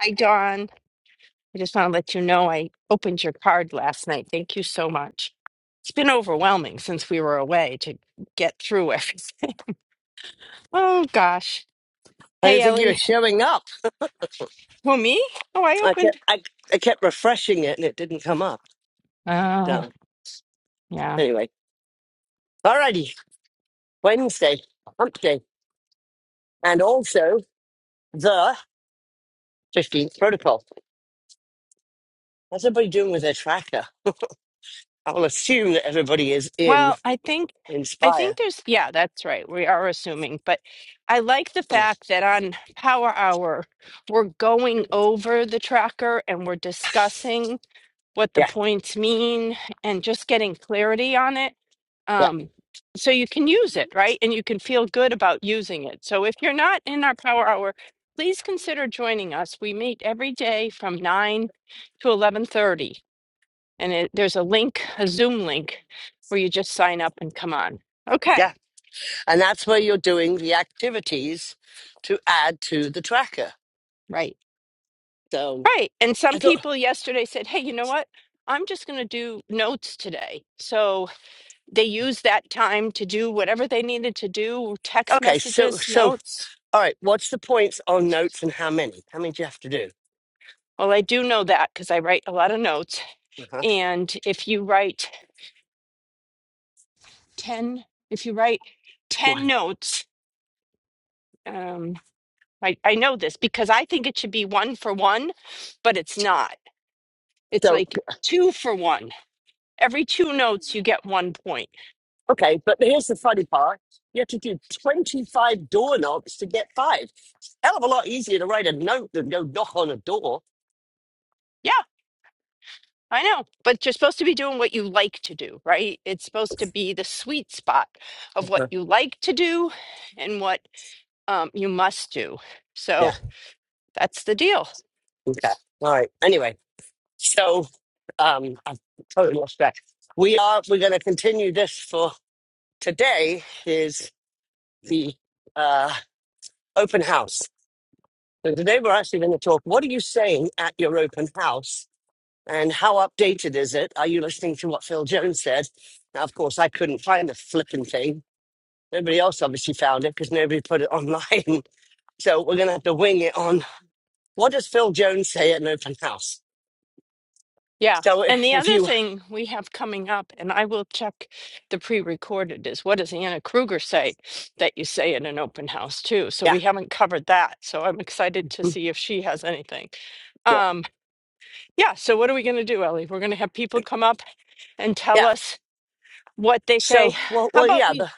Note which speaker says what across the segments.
Speaker 1: Hi, Dawn. I just want to let you know I opened your card last night. Thank you so much. It's been overwhelming since we were away to get through everything. Oh, gosh.
Speaker 2: I
Speaker 1: Hey,
Speaker 2: didn't think you were
Speaker 1: Ellie.
Speaker 2: showing up.
Speaker 1: Well, me? Oh, I
Speaker 2: I
Speaker 1: opened.
Speaker 2: kept I, I kept refreshing it and it didn't come up.
Speaker 1: Oh,
Speaker 2: So
Speaker 1: yeah.
Speaker 2: anyway. Alrighty. Wednesday, hump day. And also the fifteenth protocol. How's everybody doing with their tracker? I will assume that everybody is in
Speaker 1: Well, I think, I
Speaker 2: Inspire.
Speaker 1: think there's, yeah, that's right. We are assuming, but I like the
Speaker 2: yeah,
Speaker 1: fact that on Power Hour, we're going over the tracker and we're discussing. what the points mean and just getting clarity on it
Speaker 2: yeah,
Speaker 1: um, so you can use it right and you can feel good about using it so if you're not in our power hour please consider joining us we meet every day from 9 to 11.30 and it, there's a link a zoom link where you just sign up and come on okay
Speaker 2: yeah. And that's where you're doing the activities to add to the tracker.
Speaker 1: Right.
Speaker 2: So
Speaker 1: right and
Speaker 2: I
Speaker 1: some
Speaker 2: thought
Speaker 1: people yesterday said hey you know what i'm just going to do notes today so They used that time to do whatever they needed to do, text
Speaker 2: okay, so
Speaker 1: messages,
Speaker 2: so
Speaker 1: notes.
Speaker 2: all right, what's the points on notes and how many? How many do you have to do?
Speaker 1: Well, I do know that because I write a lot of notes.
Speaker 2: Uh-huh.
Speaker 1: And if you write 10, if you write
Speaker 2: One.
Speaker 1: 10 notes, um, I, I know this because I think it should be one for one, but it's not. It's
Speaker 2: So.
Speaker 1: like two for one. Every two notes, you get one point.
Speaker 2: Okay, but here's the funny part. You have to do 25 door knocks to get five. It's a hell of a lot easier to write a note than go knock on a door.
Speaker 1: Yeah, I know. But you're supposed to be doing what you like to do, right? It's supposed to be the sweet spot of what
Speaker 2: Mhm.
Speaker 1: you like to do and what um, you must do. So
Speaker 2: yeah.
Speaker 1: that's the deal.
Speaker 2: Okay. All right. Anyway, so um, I've totally lost track. We are, we're going to continue this for today is the uh, open house. So today we're actually going to talk, what are you saying at your open house? And how updated is it? Are you listening to what Phil Jones said? Now, of course, I couldn't find the flipping thing Nobody else obviously found it because nobody put it online. So we're going to have to wing it on what does Phil Jones say at an open house?
Speaker 1: Yeah.
Speaker 2: So
Speaker 1: And the
Speaker 2: if
Speaker 1: other
Speaker 2: you,
Speaker 1: thing we have coming up, and I will check the pre recorded, is what does Anna Kruger say that you say in an open house, too? So
Speaker 2: yeah,
Speaker 1: we haven't covered that. So I'm excited to see if she has anything.
Speaker 2: well,
Speaker 1: Um, yeah. So what are we going to do, Ellie? We're going to have people come up and tell
Speaker 2: yeah.
Speaker 1: us what they say.
Speaker 2: So, well,
Speaker 1: How
Speaker 2: well
Speaker 1: about
Speaker 2: yeah,
Speaker 1: we?
Speaker 2: the,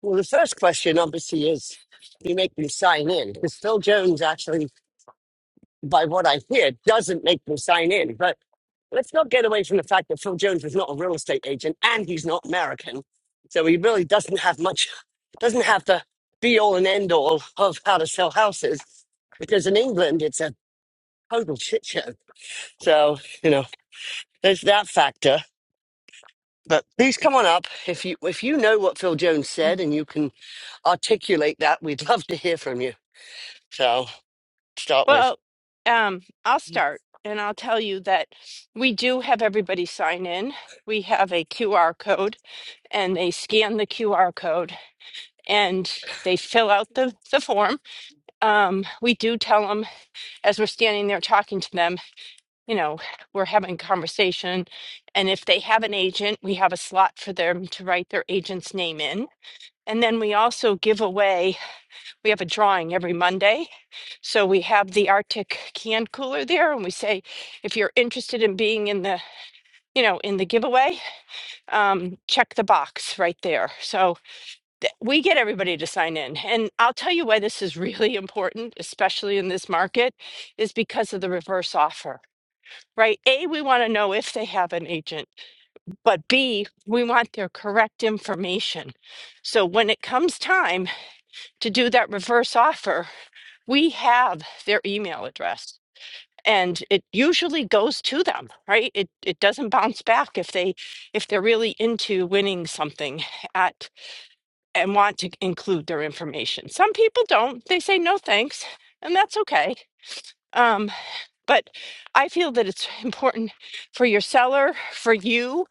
Speaker 2: well, the first question obviously is you make them sign in because Phil Jones actually by what I hear, doesn't make them sign in. But let's not get away from the fact that Phil Jones was not a real estate agent and he's not American. So he really doesn't have much, doesn't have the be all and end all of how to sell houses because in England, it's a total shit show. So, you know, there's that factor. But please come on up. If you if you know what Phil Jones said and you can articulate that, we'd love to hear from you. So start with.
Speaker 1: Well, um, I'll start and I'll tell you that we do have everybody sign in. We have a QR code and they scan the QR code and they fill out the, the form. Um, we do tell them as we're standing there talking to them, you know, we're having conversation. And if they have an agent, we have a slot for them to write their agent's name in. And then we also give away, we have a drawing every Monday. So we have the Arctic can cooler there and we say, if you're interested in being in the, you know, in the giveaway, um, check the box right there. So th- we get everybody to sign in. And I'll tell you why this is really important, especially in this market, is because of the reverse offer, right? A, we want to know if they have an agent, but B, we want their correct information. So when it comes time to do that reverse offer, we have their email address and it usually goes to them right it it doesn't bounce back if they if they're really into winning something and want to include their information. Some people don't. They say no thanks, and that's okay. Um, but I feel that it's important for your seller, for you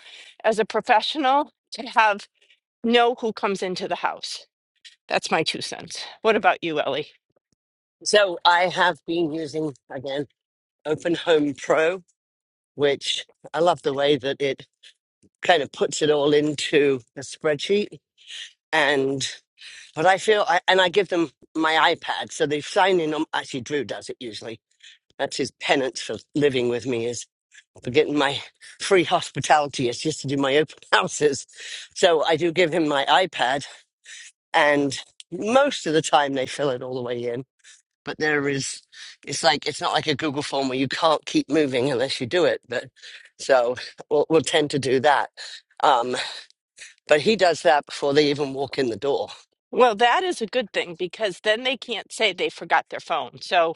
Speaker 1: as a professional to have know who comes into the house. That's my two cents. What about you, Ellie?
Speaker 2: So I have been using again. Open Home Pro, which I love the way that it kind of puts it all into a spreadsheet. And but I feel, I, and I give them my iPad, so they sign in on. Actually, Drew does it usually. That's his penance for living with me is for getting my free hospitality. It's just to do my open houses. So I do give him my iPad, and most of the time they fill it all the way in but there is it's like it's not like a google form where you can't keep moving unless you do it but so we'll, we'll tend to do that um but he does that before they even walk in the door
Speaker 1: Well, that is a good thing because then they can't say they forgot their phone. So,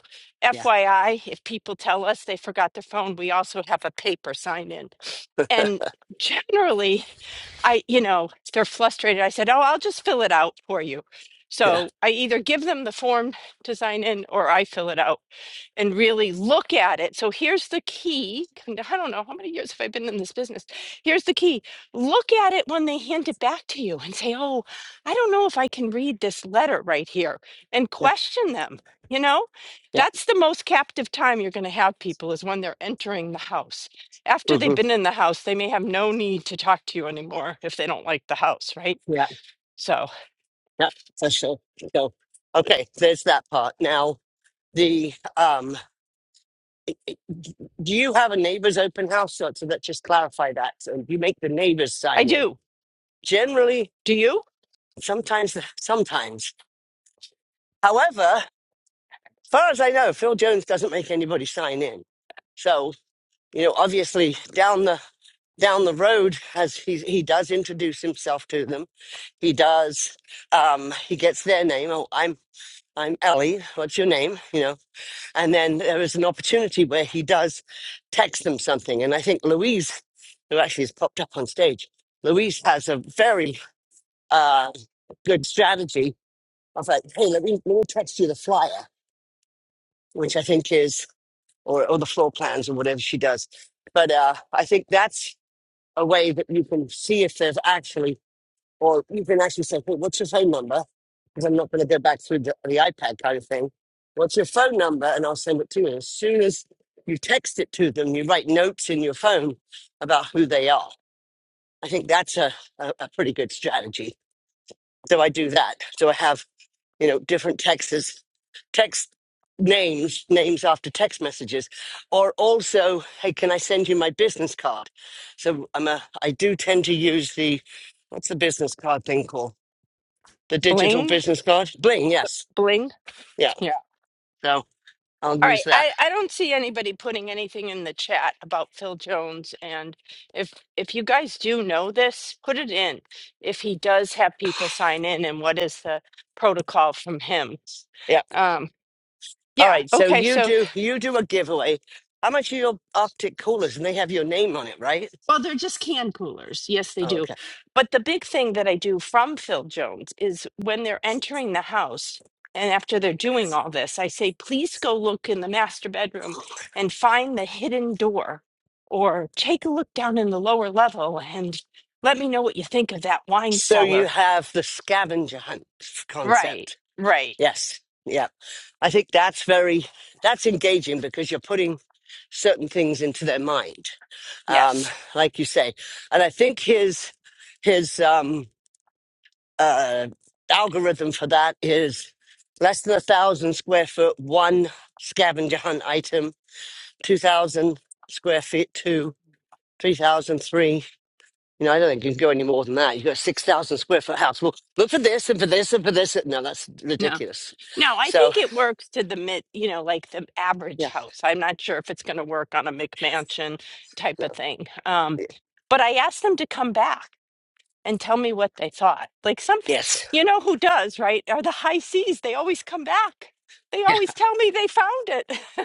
Speaker 2: yeah
Speaker 1: FYI, if people tell us they forgot their phone, we also have a paper sign in. And generally, I, you know, they're frustrated. I said, Oh, I'll just fill it out for you.
Speaker 2: yeah
Speaker 1: So I either give them the form to sign in or I fill it out and really look at it. So here's the key. I don't know how many years have I been in this business. Here's the key. Look at it when they hand it back to you and say, "Oh, I don't know if I can read this letter right here," and
Speaker 2: yeah
Speaker 1: question them. You know,
Speaker 2: yeah
Speaker 1: that's the most captive time you're going to have people is when they're entering the house. After they've
Speaker 2: hmm
Speaker 1: been in the house, they may have no need to talk to you anymore if they don't like the house, right?
Speaker 2: yeah
Speaker 1: So
Speaker 2: yeah for sure so okay there's that part now the um do you have a neighbor's open house so, so that just clarify that so you make the neighbors
Speaker 1: I
Speaker 2: sign one
Speaker 1: do.
Speaker 2: generally
Speaker 1: Do you?
Speaker 2: sometimes sometimes however far as I know, Phil Jones doesn't make anybody sign in. So you know, obviously, down the down the road, as he he does introduce himself to them, he does um, he gets their name. Oh, I'm I'm Ellie. What's your name? You know, and then there is an opportunity where he does text them something, and I think Louise, who actually has popped up on stage, Louise has a very uh, good strategy of like, hey, let me let me text you the flyer, which I think is or, or the floor plans or whatever she does. But uh, I think that's a way that you can see if there's actually, or you can actually say, hey, what's your phone number? Because I'm not going to go back through the, the iPad kind of thing. What's your phone number? And I'll send it to you. As soon as you text it to them, you write notes in your phone about who they are. I think that's a, a, a pretty good strategy. So I do that. So I have you know, different Texas text names, names after text messages, or also, hey, can I send you my business card? So I'm a, I do tend to use the, what's the business card thing called? The digital
Speaker 1: Bling,
Speaker 2: business card? Bling, yes.
Speaker 1: bling.
Speaker 2: Yeah.
Speaker 1: Yeah.
Speaker 2: So I'll
Speaker 1: All
Speaker 2: use
Speaker 1: right,
Speaker 2: that.
Speaker 1: I, I don't see anybody putting anything in the chat about Phil Jones, and if if you guys do know this, put it in. If he does have people sign in, and what is the protocol from him?
Speaker 2: Yeah.
Speaker 1: Um,
Speaker 2: All
Speaker 1: yeah,
Speaker 2: right. So
Speaker 1: okay,
Speaker 2: you
Speaker 1: so
Speaker 2: do, you do a giveaway. How much are your Arctic coolers? And they have your name on it, right?
Speaker 1: Well, they're just can coolers. Yes, they
Speaker 2: Oh,
Speaker 1: do.
Speaker 2: okay.
Speaker 1: But the big thing that I do from Phil Jones is when they're entering the house and after they're doing all this, I say, please go look in the master bedroom and find the hidden door or take a look down in the lower level and let me know what you think of that wine
Speaker 2: So you
Speaker 1: cellar.
Speaker 2: have the scavenger hunt
Speaker 1: Right,
Speaker 2: concept.
Speaker 1: right.
Speaker 2: Yes. Yeah. I think that's very that's engaging because you're putting certain things into their mind, um,
Speaker 1: Yes.
Speaker 2: like you say. And I think his his um, uh, algorithm for that is less than a thousand square foot, one scavenger hunt item, two thousand square feet, two. 3003 you know i don't think you can go any more than that you've got a 6000 square foot house well look for this and for this and for this no that's ridiculous
Speaker 1: No, I
Speaker 2: so
Speaker 1: think it works to the mid, you know, like the average
Speaker 2: yeah
Speaker 1: house. I'm not sure if it's going to work on a McMansion type of
Speaker 2: no
Speaker 1: thing. Um, but I asked them to come back and tell me what they thought. Like some,
Speaker 2: yes
Speaker 1: you know, who does, right? Are the high seas. They always come back. They always tell me they found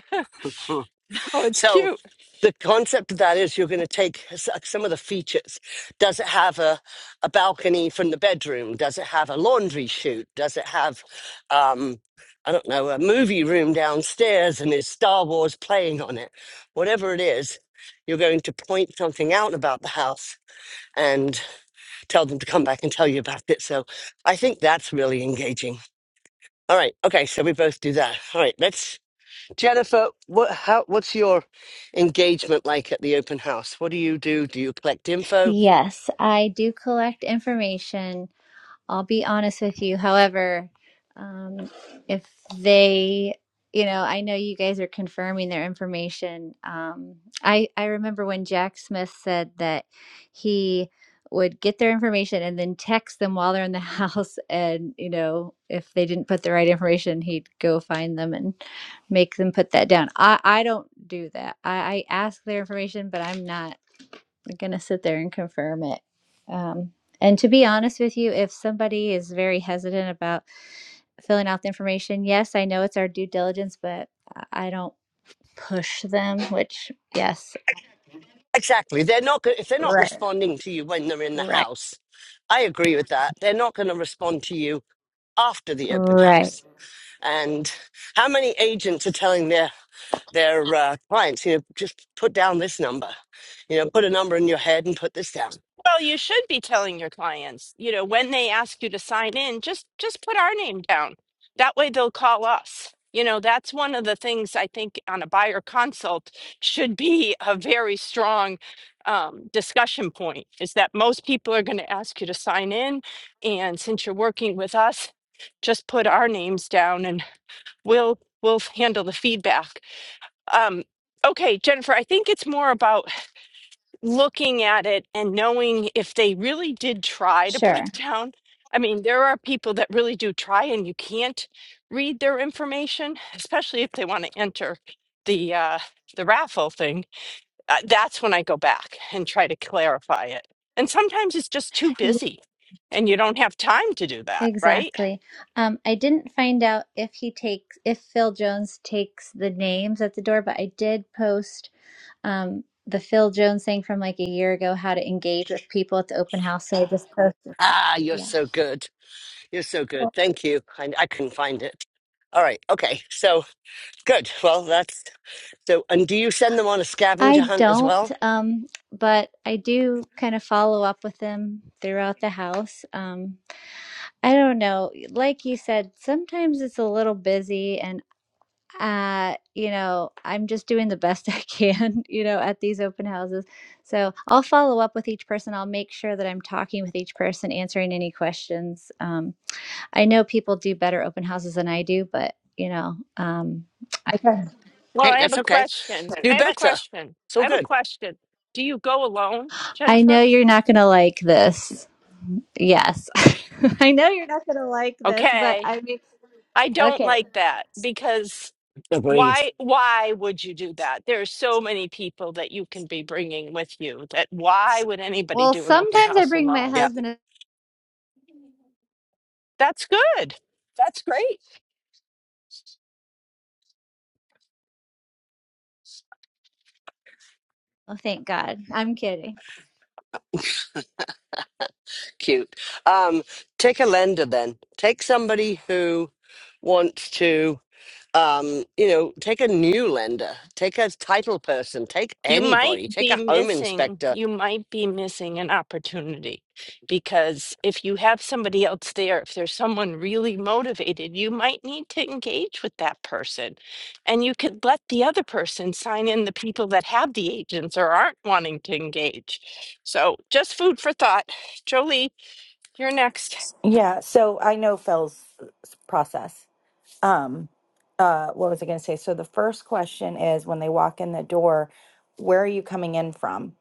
Speaker 1: it.
Speaker 2: Hmm.
Speaker 1: oh, it's
Speaker 2: So
Speaker 1: cute.
Speaker 2: the concept of that is you're going to take s- uh, some of the features. Does it have a, a balcony from the bedroom? Does it have a laundry chute? Does it have, um, I don't know, a movie room downstairs and is Star Wars playing on it? Whatever it is, you're going to point something out about the house and tell them to come back and tell you about it. So I think that's really engaging. All right. Okay. So we both do that. All right. Let's Jennifer, what, how, what's your engagement like at the open house? What do you do? Do you collect info?
Speaker 3: Yes, I do collect information. I'll be honest with you. However, um, if they, you know, I know you guys are confirming their information. Um, I I remember when Jack Smith said that he would get their information and then text them while they're in the house, and you know, if they didn't put the right information, he'd go find them and make them put that down. I I don't do that. I, I ask their information, but I'm not going to sit there and confirm it. Um, and to be honest with you, if somebody is very hesitant about filling out the information, yes, I know it's our due diligence, but I don't push them, which, yes.
Speaker 2: Exactly. They're not go- if they're not
Speaker 3: Right,
Speaker 2: responding to you when they're in the
Speaker 3: right,
Speaker 2: house. I agree with that. They're not going to respond to you after the open
Speaker 3: right.
Speaker 2: house. And how many agents are telling their their uh, clients, you know, just put down this number, you know, put a number in your head and put this down.
Speaker 1: Well, you should be telling your clients, you know, when they ask you to sign in, just just put our name down. That way they'll call us. You know, that's one of the things I think on a buyer consult should be a very strong um, discussion point is that most people are going to ask you to sign in. And since you're working with us, just put our names down and we'll we'll handle the feedback. Um, okay, Jennifer, I think it's more about looking at it and knowing if they really did try to put
Speaker 3: Sure.
Speaker 1: it down. I mean, there are people that really do try, and you can't read their information, especially if they want to enter the uh, the raffle thing. Uh, that's when I go back and try to clarify it. And sometimes it's just too
Speaker 3: Yeah,
Speaker 1: busy, and you don't have time to do that, right?
Speaker 3: Exactly. Um, I didn't find out if he takes, if Phil Jones takes the names at the door, but I did post um, the Phil Jones thing from like a year ago, how to engage with people at the open house. So I just posted that.
Speaker 2: Ah, you're
Speaker 3: Yeah.
Speaker 2: so good. You're so good. Thank you. I, I couldn't find it. All right. Okay. So good. Well, that's So, and do you send them on a scavenger
Speaker 3: I
Speaker 2: hunt as
Speaker 3: don't,
Speaker 2: well?
Speaker 3: um, but I do kind of follow up with them throughout the house. Um, I don't know. Like you said, sometimes it's a little busy, and uh, you know, I'm just doing the best I can, you know, at these open houses. So I'll follow up with each person. I'll make sure that I'm talking with each person, answering any questions. Um, I know people do better open houses than I do, but you know, um, I
Speaker 1: Well,
Speaker 2: Hey,
Speaker 1: I have
Speaker 2: that's
Speaker 1: a
Speaker 2: okay.
Speaker 1: question.
Speaker 2: Do
Speaker 1: I have a
Speaker 2: better.
Speaker 1: question.
Speaker 2: It's
Speaker 1: I
Speaker 2: all
Speaker 1: have a
Speaker 2: good.
Speaker 1: question. Do you go alone,
Speaker 3: I
Speaker 1: Jennifer?
Speaker 3: know you're not gonna like this, Yes. I know you're not going to like this, but
Speaker 1: Okay.
Speaker 3: I mean,
Speaker 1: I don't
Speaker 3: okay.
Speaker 1: like that because
Speaker 2: Agreed.
Speaker 1: Why why would you do that? There are so many people that you can be bringing with you that why would anybody
Speaker 3: Well,
Speaker 1: do an open
Speaker 3: sometimes I
Speaker 1: house
Speaker 3: bring my
Speaker 1: alone?
Speaker 2: Yeah,
Speaker 3: husband. a-
Speaker 1: That's good. That's great.
Speaker 3: Oh, thank God. I'm kidding.
Speaker 2: cute. Um, take a lender then. Take somebody who wants to, um, you know, take a new lender, take a title person, take
Speaker 1: You might
Speaker 2: anybody, take
Speaker 1: be
Speaker 2: a home
Speaker 1: missing,
Speaker 2: inspector.
Speaker 1: you might be missing an opportunity because if you have somebody else there, if there's someone really motivated, you might need to engage with that person. And you could let the other person sign in the people that have the agents or aren't wanting to engage. So just food for thought. Jolie, you're next.
Speaker 4: Yeah, so I know Phil's process. Um, uh, what was I going to say? So the first question is when they walk in the door, where are you coming in from?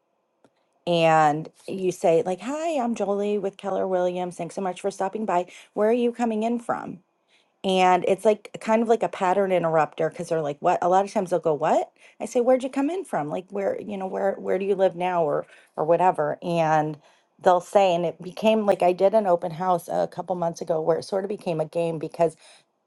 Speaker 4: And you say like, "Hi, I'm Jolie with Keller Williams. Thanks so much for stopping by. Where are you coming in from?" And it's like kind of like a pattern interrupter because they're like, "What?" A lot of times they'll go, "What?" I say, "Where'd you come in from? Like, where, you know, where where do you live now, or or whatever?" And they'll say, and it became like I did an open house a couple months ago where it sort of became a game because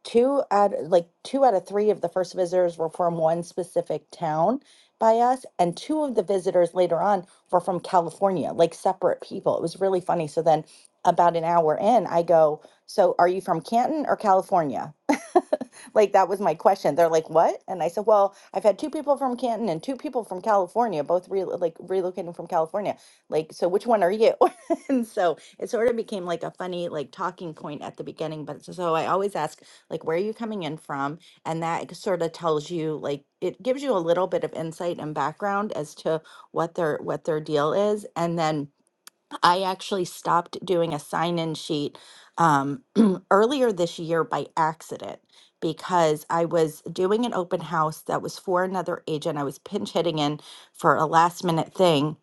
Speaker 4: two out like two out of three of the first visitors were from one specific town by us and two of the visitors later on were from california like separate people it was really funny so then about an hour in i go so are you from canton or california like that was my question they're like what and i said well i've had two people from canton and two people from california both re- like relocating from california like so which one are you and so it sort of became like a funny like talking point at the beginning but so i always ask like where are you coming in from and that sort of tells you like it gives you a little bit of insight and background as to what their what their deal is and then i actually stopped doing a sign in sheet um, earlier this year by accident because i was doing an open house that was for another agent i was pinch hitting in for a last minute thing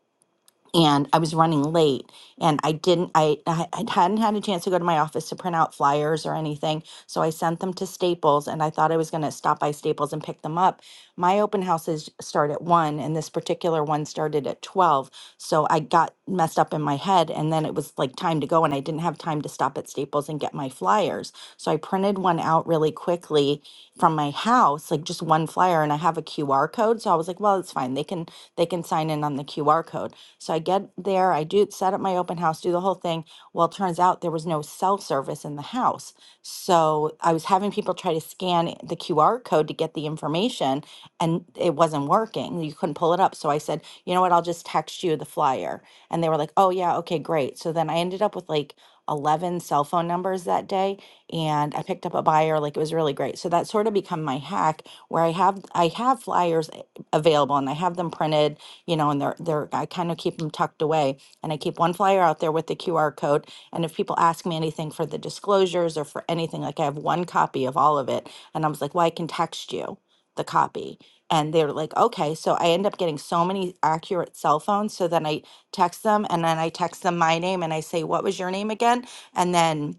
Speaker 4: and i was running late and i didn't i i I hadn't had a chance to go to my office to print out flyers or anything so I sent them to Staples and I thought I was going to stop by Staples and pick them up. My open houses start at 1 and this particular one started at 12. So I got messed up in my head and then it was like time to go and I didn't have time to stop at Staples and get my flyers. So I printed one out really quickly from my house, like just one flyer and I have a QR code. So I was like, well, it's fine. They can they can sign in on the QR code. So I get there, I do set up my open house, do the whole thing. Well, it turns out there was no cell service in the house. So I was having people try to scan the QR code to get the information and it wasn't working. You couldn't pull it up. So I said, you know what, I'll just text you the flyer. And they were like, oh, yeah, okay, great. So then I ended up with like 11 cell phone numbers that day and I picked up a buyer like it was really great. So that sort of become my hack where I have I have flyers a- available and I have them printed, you know, and they're they're I kind of keep them tucked away and I keep one flyer out there with the QR code and if people ask me anything for the disclosures or for anything, like I have one copy of all of it. And I was like, well, I can text you the copy. And they were like, okay. So I end up getting so many accurate cell phones. So then I text them and then I text them my name and I say, what was your name again? And then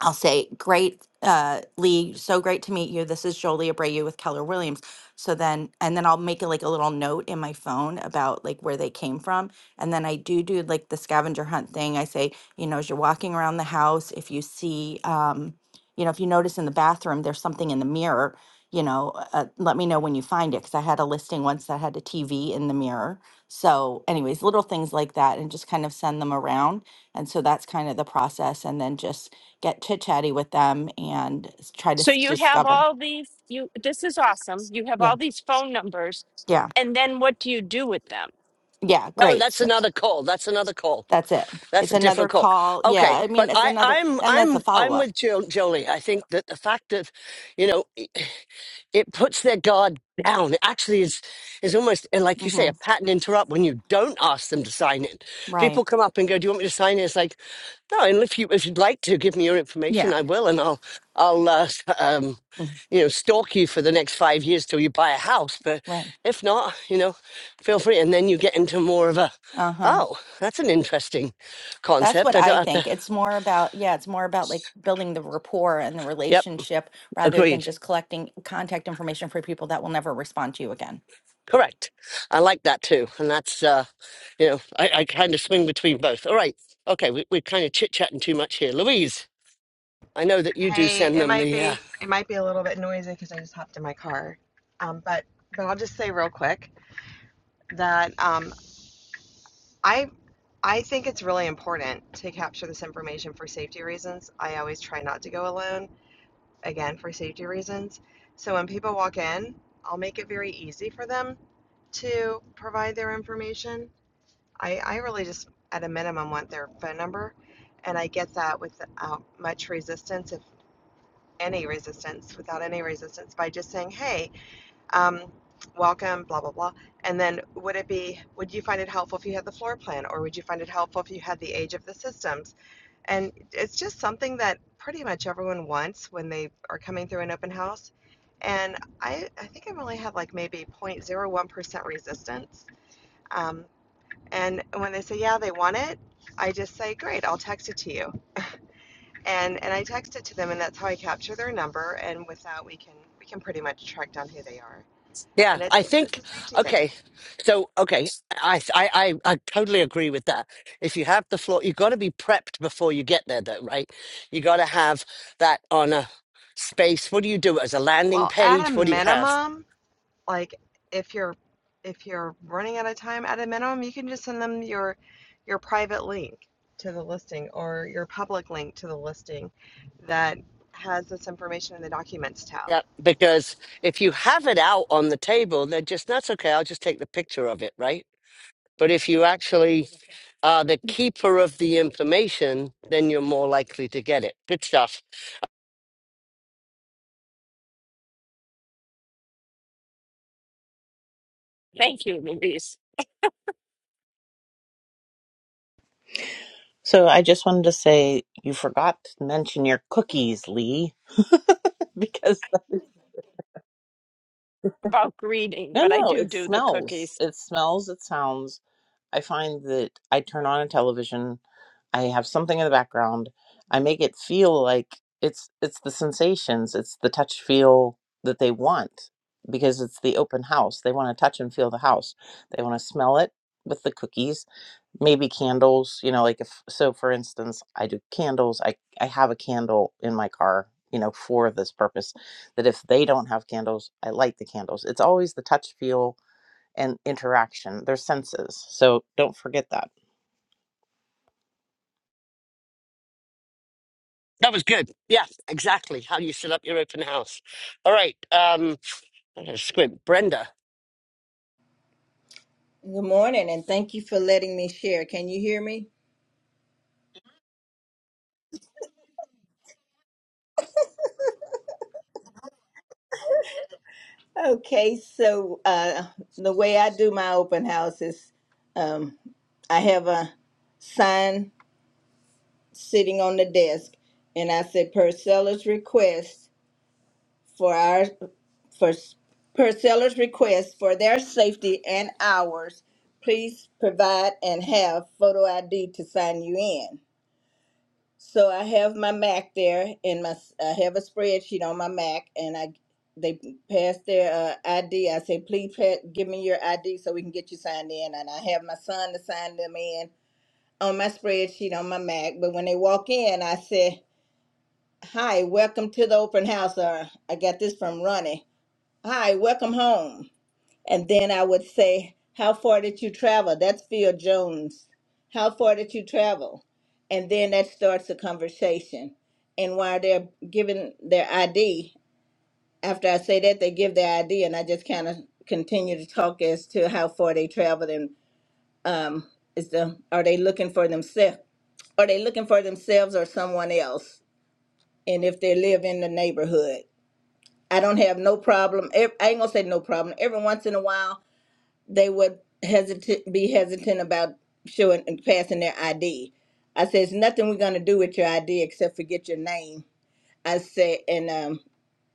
Speaker 4: I'll say, great, uh, Lee, so great to meet you. This is Jolie Abreu with Keller Williams. So then, and then I'll make it like a little note in my phone about like where they came from. And then I do do like the scavenger hunt thing. I say, you know, as you're walking around the house, if you see, um, you know, if you notice in the bathroom, there's something in the mirror, you know, uh, let me know when you find it. Cause I had a listing once that had a TV in the mirror. So, anyways, little things like that and just kind of send them around. And so that's kind of the process. And then just, get chit chatty with them and s- try to
Speaker 1: So
Speaker 4: s-
Speaker 1: you have
Speaker 4: discover.
Speaker 1: all these, you, this is awesome. You have
Speaker 4: Yeah,
Speaker 1: all these phone numbers.
Speaker 4: yeah,
Speaker 1: And then what do you do with them?
Speaker 4: yeah.
Speaker 2: No,
Speaker 4: Great.
Speaker 2: that's
Speaker 4: So
Speaker 2: another call. That's another call.
Speaker 4: that's it.
Speaker 2: That's
Speaker 4: It's
Speaker 2: a
Speaker 4: another
Speaker 2: different call.
Speaker 4: call. Yeah,
Speaker 2: Okay,
Speaker 4: I mean,
Speaker 2: but
Speaker 4: it's
Speaker 2: I,
Speaker 4: another.
Speaker 2: I'm
Speaker 4: Then that's a
Speaker 2: I'm
Speaker 4: follow
Speaker 2: I'm
Speaker 4: up.
Speaker 2: with jo- Jolie. I think that the fact that you know it, it puts their guard down. It actually is is almost and like you say
Speaker 4: hmm
Speaker 2: a pattern interrupt when you don't ask them to sign in. People
Speaker 4: Right.
Speaker 2: come up and go, "Do you want me to sign in?" It's like no, and if you if you'd like to give me your information,
Speaker 4: Yeah.
Speaker 2: I will, and I'll I'll uh, s- um,
Speaker 4: mm,
Speaker 2: you know stalk you for the next five years till you buy a house. But
Speaker 4: Right.
Speaker 2: if not, you know, feel free, and then you get into more of a
Speaker 4: Uh huh.
Speaker 2: oh, that's an interesting
Speaker 4: That's
Speaker 2: concept.
Speaker 4: what
Speaker 2: I
Speaker 4: I
Speaker 2: don't have to.
Speaker 4: think. It's more about yeah. It's more about like building the rapport and the
Speaker 2: Yep,
Speaker 4: relationship rather than
Speaker 2: agreed.
Speaker 4: just collecting contact information for people that will never respond to you again.
Speaker 2: Correct. I like that too, and that's uh, you know I, I kind of swing between both. All right, okay, we, we're kind of chit chatting too much here, Louise. I know that you do
Speaker 5: Hey,
Speaker 2: send
Speaker 5: it
Speaker 2: them
Speaker 5: might
Speaker 2: the uh,
Speaker 5: be it might be a little bit noisy because I just hopped in my car. Um, but but I'll just say real quick that um, I I think it's really important to capture this information for safety reasons. I always try not to go alone, again for safety reasons. So when people walk in, I'll make it very easy for them to provide their information. I I really just at a minimum want their phone number, and I get that without much resistance if. any resistance, without any resistance, by just saying, hey, um, welcome, blah, blah, blah. And then would it be, would you find it helpful if you had the floor plan or would you find it helpful if you had the age of the systems? And it's just something that pretty much everyone wants when they are coming through an open house. And I, I think I only had like maybe 0.01% resistance. Um, and when they say, yeah, they want it, I just say, great, I'll text it to you and and I text it to them, and that's how I capture their number. And with that, we can we can pretty much track down who they are, and
Speaker 2: Yeah, I
Speaker 5: it's it's a
Speaker 2: think
Speaker 5: safety thing.
Speaker 2: okay. So okay, I I I, I totally agree with that. If you have the floor, you've got to be prepped before you get there, though, right? You got to have that on a space. What do you do as a landing
Speaker 5: Well, at a
Speaker 2: page? What do you have?
Speaker 5: minimum, like if you're if you're running out of time, at a minimum, you can just send them your your private link to the listing or your public link to the listing that has this information in the documents tab
Speaker 2: Yeah, because if you have it out on the table, they're just that's okay. I'll just take the picture of it, right? But if you actually are the keeper of the information, then you're more likely to get it. Good stuff.
Speaker 1: Thank you, Louise.
Speaker 6: So I just wanted to say you forgot to mention your cookies, Lee, because
Speaker 1: about greeting,
Speaker 6: no,
Speaker 1: but I
Speaker 6: no,
Speaker 1: do
Speaker 6: it
Speaker 1: do the
Speaker 6: smells.
Speaker 1: cookies.
Speaker 6: It smells, it sounds. I find that I turn on a television, I have something in the background, I make it feel like it's it's the sensations, it's the touch feel that they want because it's the open house. They want to touch and feel the house. They want to smell it with the cookies. maybe candles you know like if so for instance i do candles i i have a candle in my car you know for this purpose that if they don't have candles i light the candles it's always the touch feel and interaction their senses so don't forget that
Speaker 2: That was good. Yeah, exactly. How you set up your open house. All right. Um, I'm gonna squint. Brenda.
Speaker 7: Good morning, and thank you for letting me share. Can you hear me? Okay, so uh, the way I do my open house is um, I have a sign sitting on the desk, and I said, per seller's request for our for per seller's request for their safety and ours, please provide and have photo ID to sign you in. So I have my Mac there, and my I have a spreadsheet on my Mac, and I they pass their uh, ID. I say, please pa- give me your ID so we can get you signed in, and I have my son to sign them in on my spreadsheet on my Mac. But when they walk in, I say, hi, welcome to the open house. Or I got this from Ronnie. Hi, welcome home. And then I would say, How far did you travel? That's Phil Jones. How far did you travel? And then that starts a conversation. And while they're giving their ID, after I say that, they give their ID, and I just kind of continue to talk as to how far they traveled and um, is the are they looking for themselves? Are they looking for themselves or someone else? And if they live in the neighborhood, I don't have no problem. ev- I ain't gonna say no problem. Every once in a while, they would hesitant be hesitant about showing and passing their ID. I said, "It's nothing we're gonna do with your ID except forget your name." I said, and um,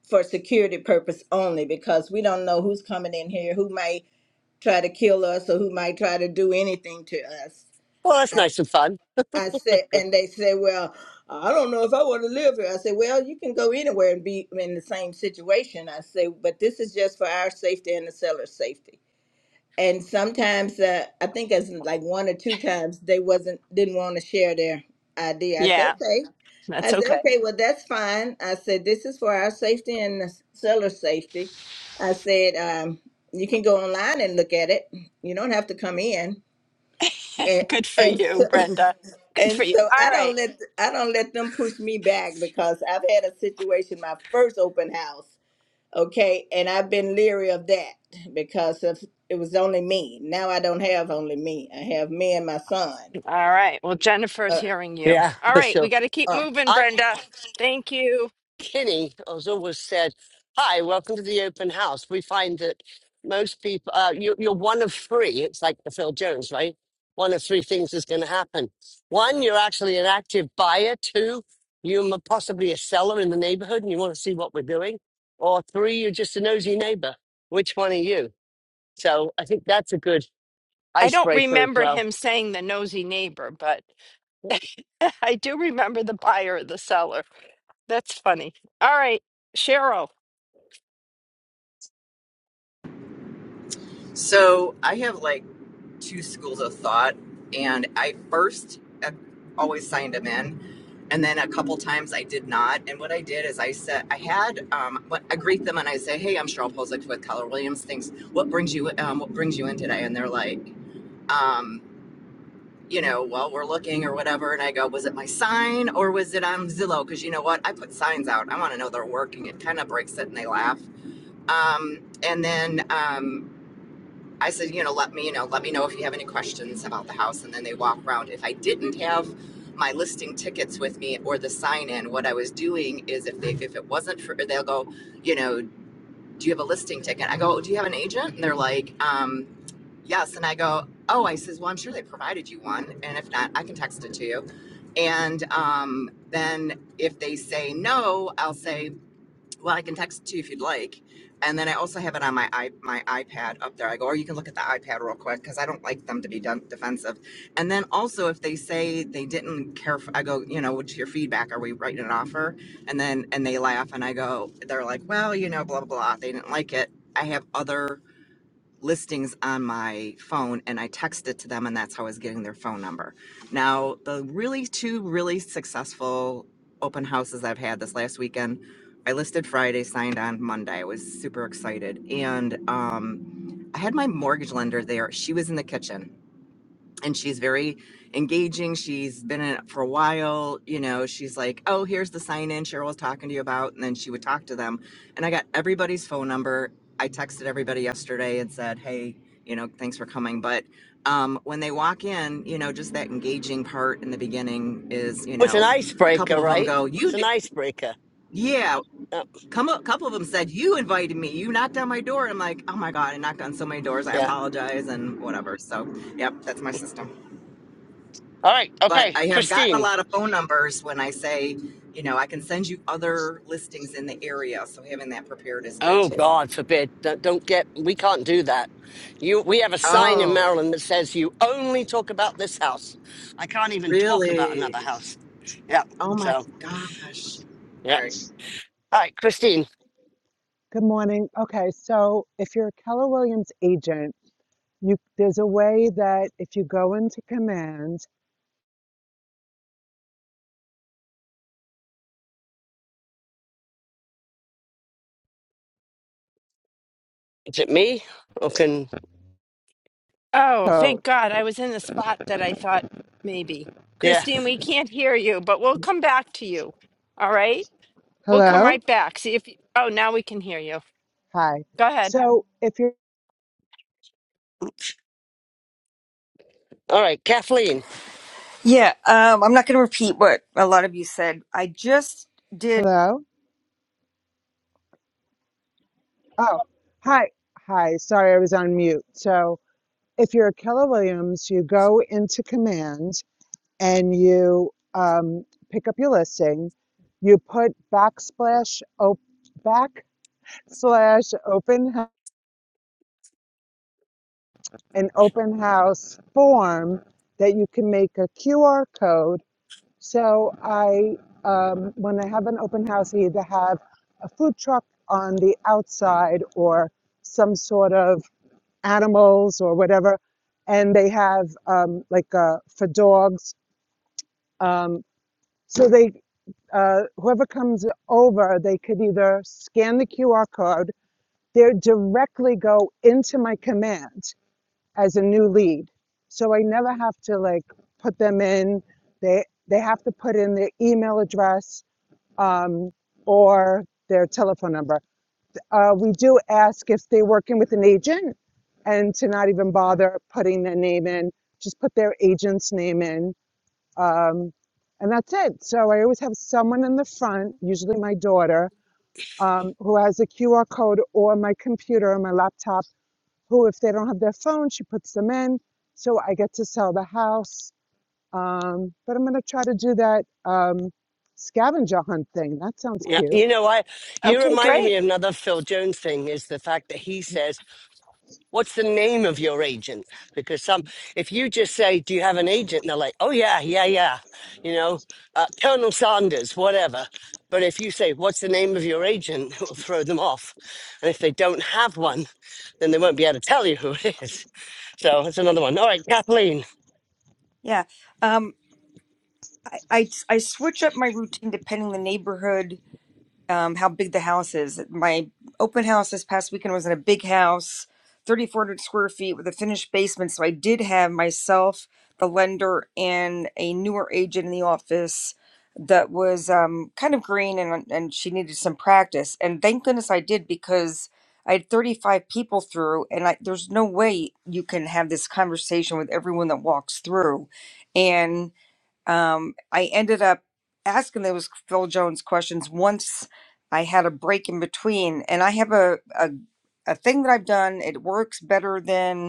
Speaker 7: for security purpose only, because we don't know who's coming in here, who might try to kill us, or who might try to do anything to us.
Speaker 2: Well, that's
Speaker 7: I,
Speaker 2: nice and fun.
Speaker 7: I said, and they said, "Well, I don't know if I want to live here." I said, "Well, you can go anywhere and be in the same situation." I said, "But this is just for our safety and the seller's safety." and sometimes uh, I think as like one or two times they wasn't didn't want to share their idea. I said
Speaker 1: Yeah,
Speaker 7: okay, I
Speaker 1: that's
Speaker 7: said
Speaker 1: okay.
Speaker 7: okay, well that's fine. I said this is for our safety and the seller's safety. I said um, you can go online and look at it. You don't have to come in. And
Speaker 1: Good for
Speaker 7: and
Speaker 1: you,
Speaker 7: so,
Speaker 1: Brenda. Good
Speaker 7: and
Speaker 1: for you.
Speaker 7: so
Speaker 1: All
Speaker 7: I
Speaker 1: right.
Speaker 7: don't let I don't let them push me back because I've had a situation my first open house. Okay, and I've been leery of that because if it was only me, now I don't have only me. I have me and my son.
Speaker 1: All right. Well, Jennifer's
Speaker 7: Uh,
Speaker 1: hearing you.
Speaker 2: Yeah,
Speaker 1: All
Speaker 2: for
Speaker 1: right.
Speaker 2: sure.
Speaker 1: We got to keep
Speaker 7: uh,
Speaker 1: moving,
Speaker 2: I,
Speaker 1: Brenda. Thank you.
Speaker 2: Kinney, has always said, "Hi, welcome to the open house." We find that most people, uh, you, you're one of three. It's like the Phil Jones, right? One of three things is going to happen. One, you're actually an active buyer. Two, you're mo- possibly a seller in the neighborhood and you want to see what we're doing. Or three, you're just a nosy neighbor. Which one are you? So I think that's a good
Speaker 1: I don't
Speaker 2: icebreaker as
Speaker 1: remember
Speaker 2: well.
Speaker 1: him saying the nosy neighbor, but I do remember the buyer, or the seller. That's funny. All right. Cheryl.
Speaker 8: So I have like two schools of thought, and I first uh, always signed them in, and then a couple times I did not. And what I did is I said I had um, what- I greet them and I say, "Hey, I'm Cheryl Posick with Keller Williams. Things what brings you um, what brings you in today?" And they're like, um, "You know, well, we're looking or whatever." And I go, "Was it my sign or was it on Zillow?" Because you know what, I put signs out. I want to know they're working. It kind of breaks it, and they laugh. Um, and then. Um, I said, you know, let me, you know, let me know if you have any questions about the house. And then they walk around. If I didn't have my listing tickets with me or the sign in, what I was doing is if they, if it wasn't for, they'll go, you know, do you have a listing ticket? I go, do you have an agent? And they're like, um, yes. And I go, oh, I says, well, I'm sure they provided you one. And if not, I can text it to you. And um, then if they say no, I'll say, well, I can text it to you if you'd like. And then I also have it on my i my iPad up there. I go, or you can look at the iPad real quick because I don't like them to be done defensive. And then also, if they say they didn't care, for, I go, you know, what's your feedback? Are we writing an offer? And then and they laugh, and I go, they're like, well, you know, blah blah blah. They didn't like it. I have other listings on my phone and I texted to them and that's how I was getting their phone number. Now, the really two really successful open houses I've had this last weekend, I listed Friday, signed on Monday. I was super excited. And um, I had my mortgage lender there. She was in the kitchen and she's very engaging. She's been in it for a while. You know, she's like, oh, here's the sign in Cheryl was talking to you about. And then she would talk to them. And I got everybody's phone number. I texted everybody yesterday and said, hey, you know, thanks for coming. But um, when they walk in, you know, just that engaging part in the beginning is, you
Speaker 2: Oh, It's an
Speaker 8: know, a
Speaker 2: icebreaker,
Speaker 8: couple of them
Speaker 2: right?
Speaker 8: go,
Speaker 2: It's
Speaker 8: you
Speaker 2: an
Speaker 8: did,
Speaker 2: icebreaker.
Speaker 8: yeah.
Speaker 2: Oh,
Speaker 8: Come a couple of them said, you invited me, you knocked on my door. And I'm like, oh my God, I knocked on so many doors. I
Speaker 2: yeah.
Speaker 8: apologize and whatever. So, yep, that's my system
Speaker 2: All right.
Speaker 8: but
Speaker 2: Okay,
Speaker 8: I have gotten a
Speaker 2: Christine.
Speaker 8: lot of phone numbers when I say, you know, I can send you other listings in the area. So having that prepared is good
Speaker 2: Oh
Speaker 8: too.
Speaker 2: God forbid! Don't don't get. We can't do that. You. We have a sign in
Speaker 8: Oh,
Speaker 2: Maryland that says you only talk about this house. I can't even talk about another
Speaker 8: really?
Speaker 2: house. Yeah.
Speaker 8: Oh my
Speaker 2: So.
Speaker 8: gosh. All
Speaker 2: Yeah.
Speaker 8: right.
Speaker 2: All right, Christine.
Speaker 9: Good morning. Okay, so if you're a Keller Williams agent, you there's a way that if you go into command
Speaker 2: Is it me? Or can?
Speaker 1: Oh,
Speaker 9: code.
Speaker 1: thank God. I was in the spot that I thought maybe.
Speaker 2: Yeah.
Speaker 1: Christine, we can't hear you, but we'll come back to you. All right. We'll come
Speaker 9: Hello?
Speaker 1: right back. See if you, oh, now we can hear you.
Speaker 9: Hi.
Speaker 1: Go ahead.
Speaker 9: So if you're
Speaker 2: All right, Kathleen.
Speaker 10: Yeah, um, I'm not going to repeat what a lot of you said. I just did.
Speaker 9: hello? Oh, hi. Hi. Sorry, I was on mute. So if you're a Keller Williams, you go into command and you um, pick up your listing. You put backslash op backslash open an open house form that you can make a QR code. So I, um, when I have an open house, I either have a food truck on the outside or some sort of animals or whatever, and they have um, like uh, for dogs. Um, so they, uh, whoever comes over, they could either scan the QR code, they directly go into my command as a new lead. So I never have to like put them in. They they have to put in their email address um, or their telephone number. Uh, we do ask if they're working with an agent and to not even bother putting their name in, just put their agent's name in. Um, and that's it. So I always have someone in the front, usually my daughter, um, who has a QR code or my computer or my laptop who, if they don't have their phone, she puts them in. So I get to sell the house. Um, but I'm going to try to do that um, scavenger hunt thing. That sounds
Speaker 2: Yeah.
Speaker 9: cute.
Speaker 2: You know, I. You
Speaker 1: Okay,
Speaker 2: reminded me
Speaker 1: great.
Speaker 2: of another Phil Jones thing. Is the fact that he says What's the name of your agent? Because some, if you just say, "Do you have an agent?" and they're like, "Oh yeah, yeah, yeah," you know, uh, Colonel Sanders, whatever. But if you say, "What's the name of your agent?" it will throw them off. And if they don't have one, then they won't be able to tell you who it is. So that's another one. All right, Kathleen.
Speaker 10: Yeah, um, I, I I switch up my routine depending on the neighborhood um, how big the house is. My open house this past weekend was in a big house, 3,400 square feet with a finished basement. So I did have myself, the lender, and a newer agent in the office that was um, kind of green and, and she needed some practice. And thank goodness I did because I had 35 people through, and I, there's no way you can have this conversation with everyone that walks through um, I ended up asking those Phil Jones questions once I had a break in between. And I have a, a, a thing that I've done. It works better than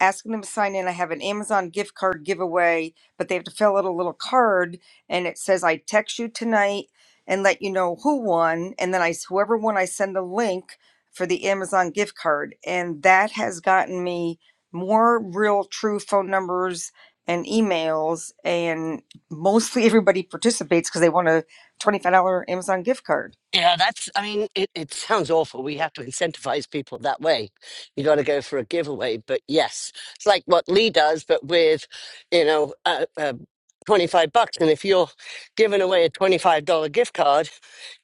Speaker 10: asking them to sign in. I have an Amazon gift card giveaway, but they have to fill out a little card and it says, I text you tonight and let you know who won. And then I, whoever won, I send the link for the Amazon gift card. And that has gotten me more real, true phone numbers and emails. And mostly everybody participates because they want a $25 Amazon gift card.
Speaker 2: Yeah, that's, I mean, it, it sounds awful. We have to incentivize people that way. You got to go for a giveaway. But yes, it's like what Lee does, but with, you know, uh, uh, 25 bucks. And if you're giving away a $25 gift card,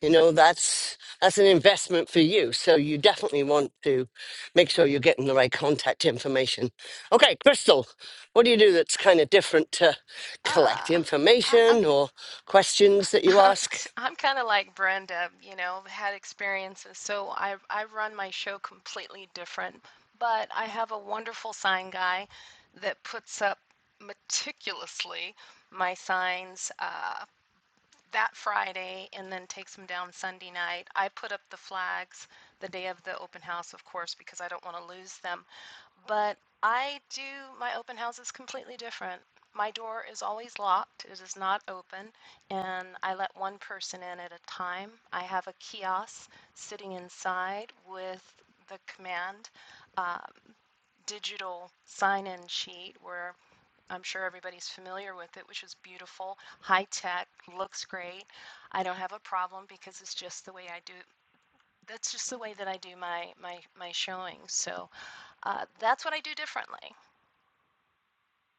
Speaker 2: you know, that's, that's an investment for you. So you definitely want to make sure you're getting the right contact information. Okay, Crystal, what do you do that's kind of different to collect
Speaker 11: Uh, I, I'm
Speaker 2: information or questions that you
Speaker 11: i
Speaker 2: ask?
Speaker 11: I'm kind of like Brenda, you know, had experiences. So I I run my show completely different, but I have a wonderful sign guy that puts up meticulously my signs. Uh, that Friday and then takes them down Sunday night. I put up the flags the day of the open house, of course, because I don't want to lose them. But I do my open houses completely different. My door is always locked, it is not open, and I let one person in at a time. I have a kiosk sitting inside with the command uh, digital sign in sheet where I'm sure everybody's familiar with it, which is beautiful, high tech, looks great. I don't have a problem because it's just the way I do. That's just the way that I do my my my showings. So uh, that's what I do differently.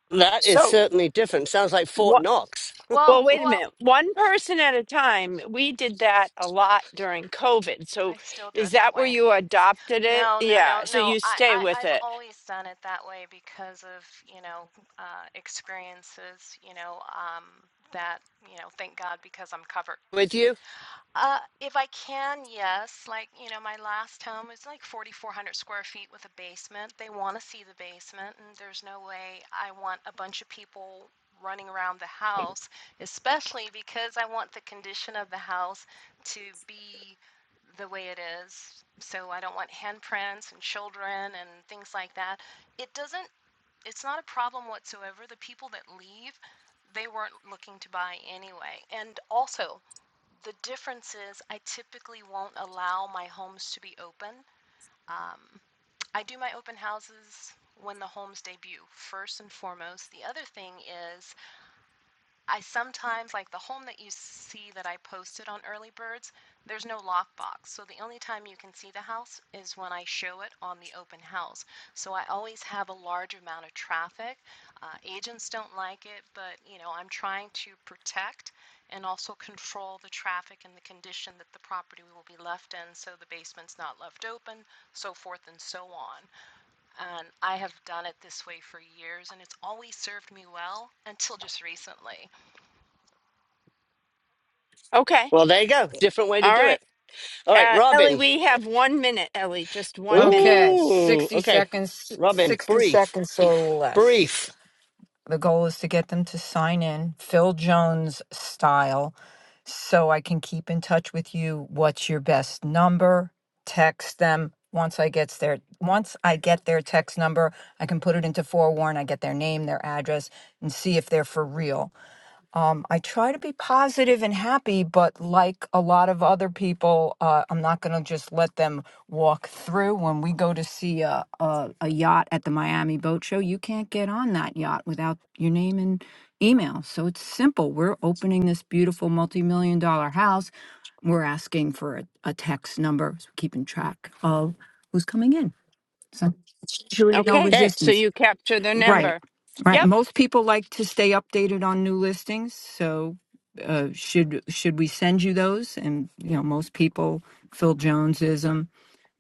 Speaker 2: That is
Speaker 1: So,
Speaker 2: certainly different. Sounds like Fort
Speaker 1: what
Speaker 2: Knox
Speaker 1: well,
Speaker 11: Well,
Speaker 1: wait a
Speaker 11: well,
Speaker 1: minute. One person at a time. We did that a lot during COVID. So,
Speaker 11: I still do
Speaker 1: is
Speaker 11: it that
Speaker 1: that where
Speaker 11: way.
Speaker 1: you adopted it?
Speaker 11: No, no, no,
Speaker 1: Yeah, so
Speaker 11: no.
Speaker 1: you
Speaker 11: I,
Speaker 1: stay
Speaker 11: I
Speaker 1: with
Speaker 11: I've
Speaker 1: it.
Speaker 11: always done it that way because of you know uh, experiences. You know um, that you know thank God because I'm covered.
Speaker 2: with you.
Speaker 11: Uh, if I can, yes. Like, you know, my last home is like 4,400 square feet with a basement. They want to see the basement, and there's no way I want a bunch of people running around the house, especially because I want the condition of the house to be the way it is. So I don't want handprints and children and things like that. It doesn't, it's not a problem whatsoever. The people that leave, they weren't looking to buy anyway. And also, the difference is I typically won't allow my homes to be open. Um, I do my open houses when the homes debut, first and foremost. The other thing is I sometimes, like the home that you see that I posted on Early Birds, there's no lockbox. So the only time you can see the house is when I show it on the open house. So I always have a large amount of traffic. Uh, agents don't like it, but you know, I'm trying to protect and also control the traffic and the condition that the property will be left in so the basement's not left open, so forth and so on. And I have done it this way for years and it's always served me well until just recently.
Speaker 1: Okay.
Speaker 2: Well, there you go. Different way to
Speaker 1: All
Speaker 2: do
Speaker 1: right.
Speaker 2: it. All right,
Speaker 1: Uh, Ellie,
Speaker 2: Robin.
Speaker 1: we have 1 minute, Ellie, just 1 minute.
Speaker 12: Okay,
Speaker 2: Ooh,
Speaker 12: 60
Speaker 2: okay.
Speaker 12: seconds,
Speaker 2: Robin,
Speaker 12: 60
Speaker 2: brief,
Speaker 12: seconds or less.
Speaker 2: brief.
Speaker 12: The goal is to get them to sign in, Phil Jones style, so I can keep in touch with you. What's your best number? Text them. Once I gets their once I get their text number, I can put it into forewarn. I get their name, their address, and see if they're for real. Um, I try to be positive and happy, but like a lot of other people, uh, I'm not going to just let them walk through. When we go to see a, a, a yacht at the Miami Boat Show, you can't get on that yacht without your name and email. So it's simple. We're opening this beautiful multi million dollar house. We're asking for a, a text number, so keeping track of who's coming in. So it's usually no
Speaker 1: Okay.
Speaker 2: Okay.
Speaker 1: So
Speaker 12: resistance.
Speaker 1: you capture the
Speaker 12: Right.
Speaker 1: number.
Speaker 12: Right.
Speaker 1: Yep.
Speaker 12: Most people like to stay updated on new listings, so uh, should should we send you those? And you know, most people Phil Jonesism.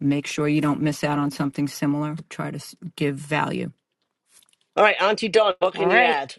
Speaker 12: Make sure you don't miss out on something similar. Try to s- give value.
Speaker 2: All right, Auntie Dawn, what
Speaker 1: All
Speaker 2: can you
Speaker 1: right.
Speaker 2: add?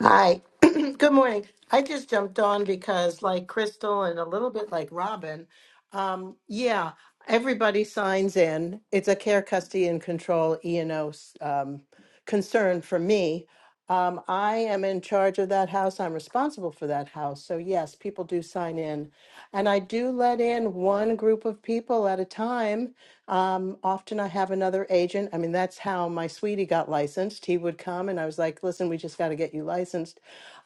Speaker 13: Hi. Good morning. I just jumped on because, like Crystal and a little bit like Robin, um, yeah, everybody signs in. It's a care, custody, and control E&O um, concern for me. Um, I am in charge of that house. I'm responsible for that house. So, yes, people do sign in. And I do let in one group of people at a time. Um, often I have another agent. I mean, that's how my sweetie got licensed. He would come and I was like, listen, we just got to get you licensed.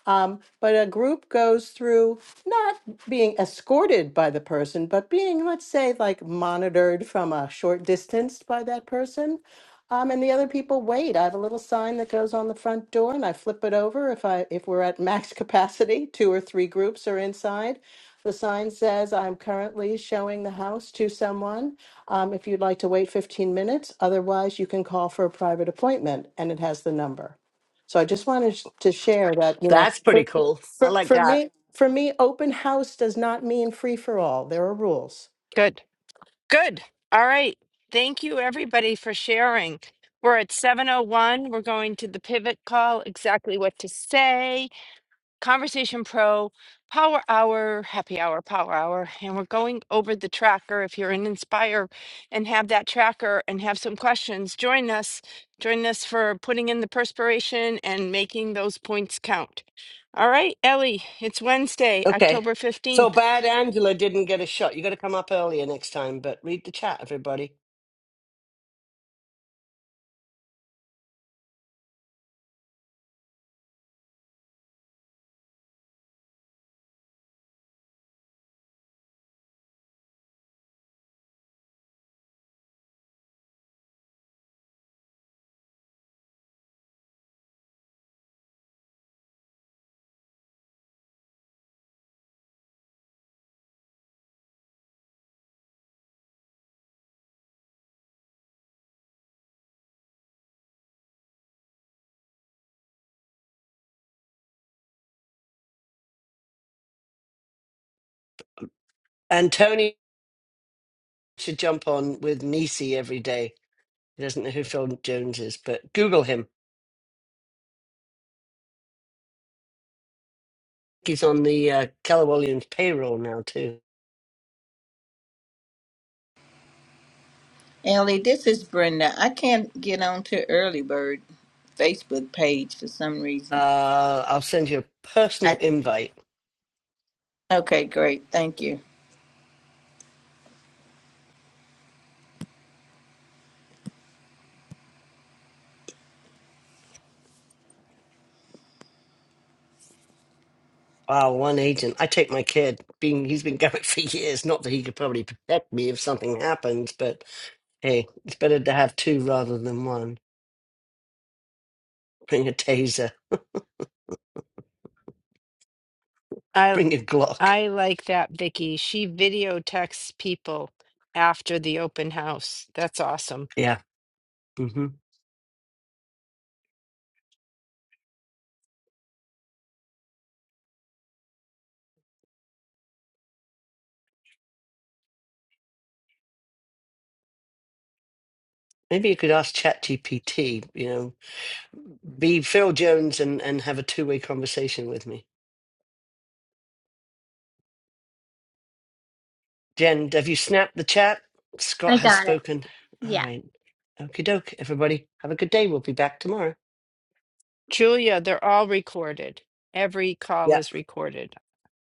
Speaker 13: Um, but a group goes through not being escorted by the person, but being, let's say, like monitored from a short distance by that person. Um, and the other people wait. I have a little sign that goes on the front door, and I flip it over if I if we're at max capacity, two or three groups are inside. The sign says, "I'm currently showing the house to someone. Um, if you'd like to wait 15 minutes, otherwise you can call for a private appointment," and it has the number. So I just wanted to share that, you know,
Speaker 2: That's pretty
Speaker 13: for,
Speaker 2: cool. I
Speaker 13: for,
Speaker 2: like
Speaker 13: for
Speaker 2: that.
Speaker 13: me, for me, open house does not mean free for all. There are rules.
Speaker 1: Good. Good. All right. Thank you, everybody, for sharing. We're at 7.01. We're going to the pivot call, exactly what to say, Conversation Pro, Power Hour, Happy Hour, Power Hour. And we're going over the tracker. If you're an Inspire and have that tracker and have some questions, join us. Join us for putting in the perspiration and making those points count. All right, Ellie, it's Wednesday,
Speaker 2: Okay.
Speaker 1: October
Speaker 2: So
Speaker 1: 15th.
Speaker 2: bad Angela didn't get a shot. You got to come up earlier next time, but read the chat, everybody. And Tony should jump on with Nisi every day. He doesn't know who Phil Jones is, but Google him. He's on the uh, Keller Williams payroll now, too.
Speaker 7: Ellie, this is Brenda. I can't get on to Early Bird Facebook page for some reason.
Speaker 2: Uh, I'll send you a personal
Speaker 7: I,
Speaker 2: invite.
Speaker 7: okay, great. Thank you.
Speaker 2: Wow, one agent. I take my kid. Being he's been going for years. Not that he could probably protect me if something happens, but hey, it's better to have two rather than one. Bring a taser.
Speaker 1: i
Speaker 2: Bring a Glock.
Speaker 1: I like that, Vicky. She video texts people after the open house. That's awesome.
Speaker 2: Yeah. hmm Maybe you could ask ChatGPT. You know, be Phil Jones and and have a two way conversation with me. Jen, have you snapped the chat? Scott
Speaker 3: I
Speaker 2: has
Speaker 3: got it.
Speaker 2: spoken. All
Speaker 3: Yeah.
Speaker 2: right. Okie doke, everybody. Have a good day. We'll be back tomorrow.
Speaker 1: Julia, they're all recorded. Every call is recorded.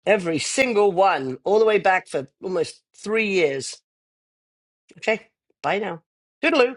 Speaker 2: Every single one, all the way back for almost three years. Okay. Bye now. Toodaloo.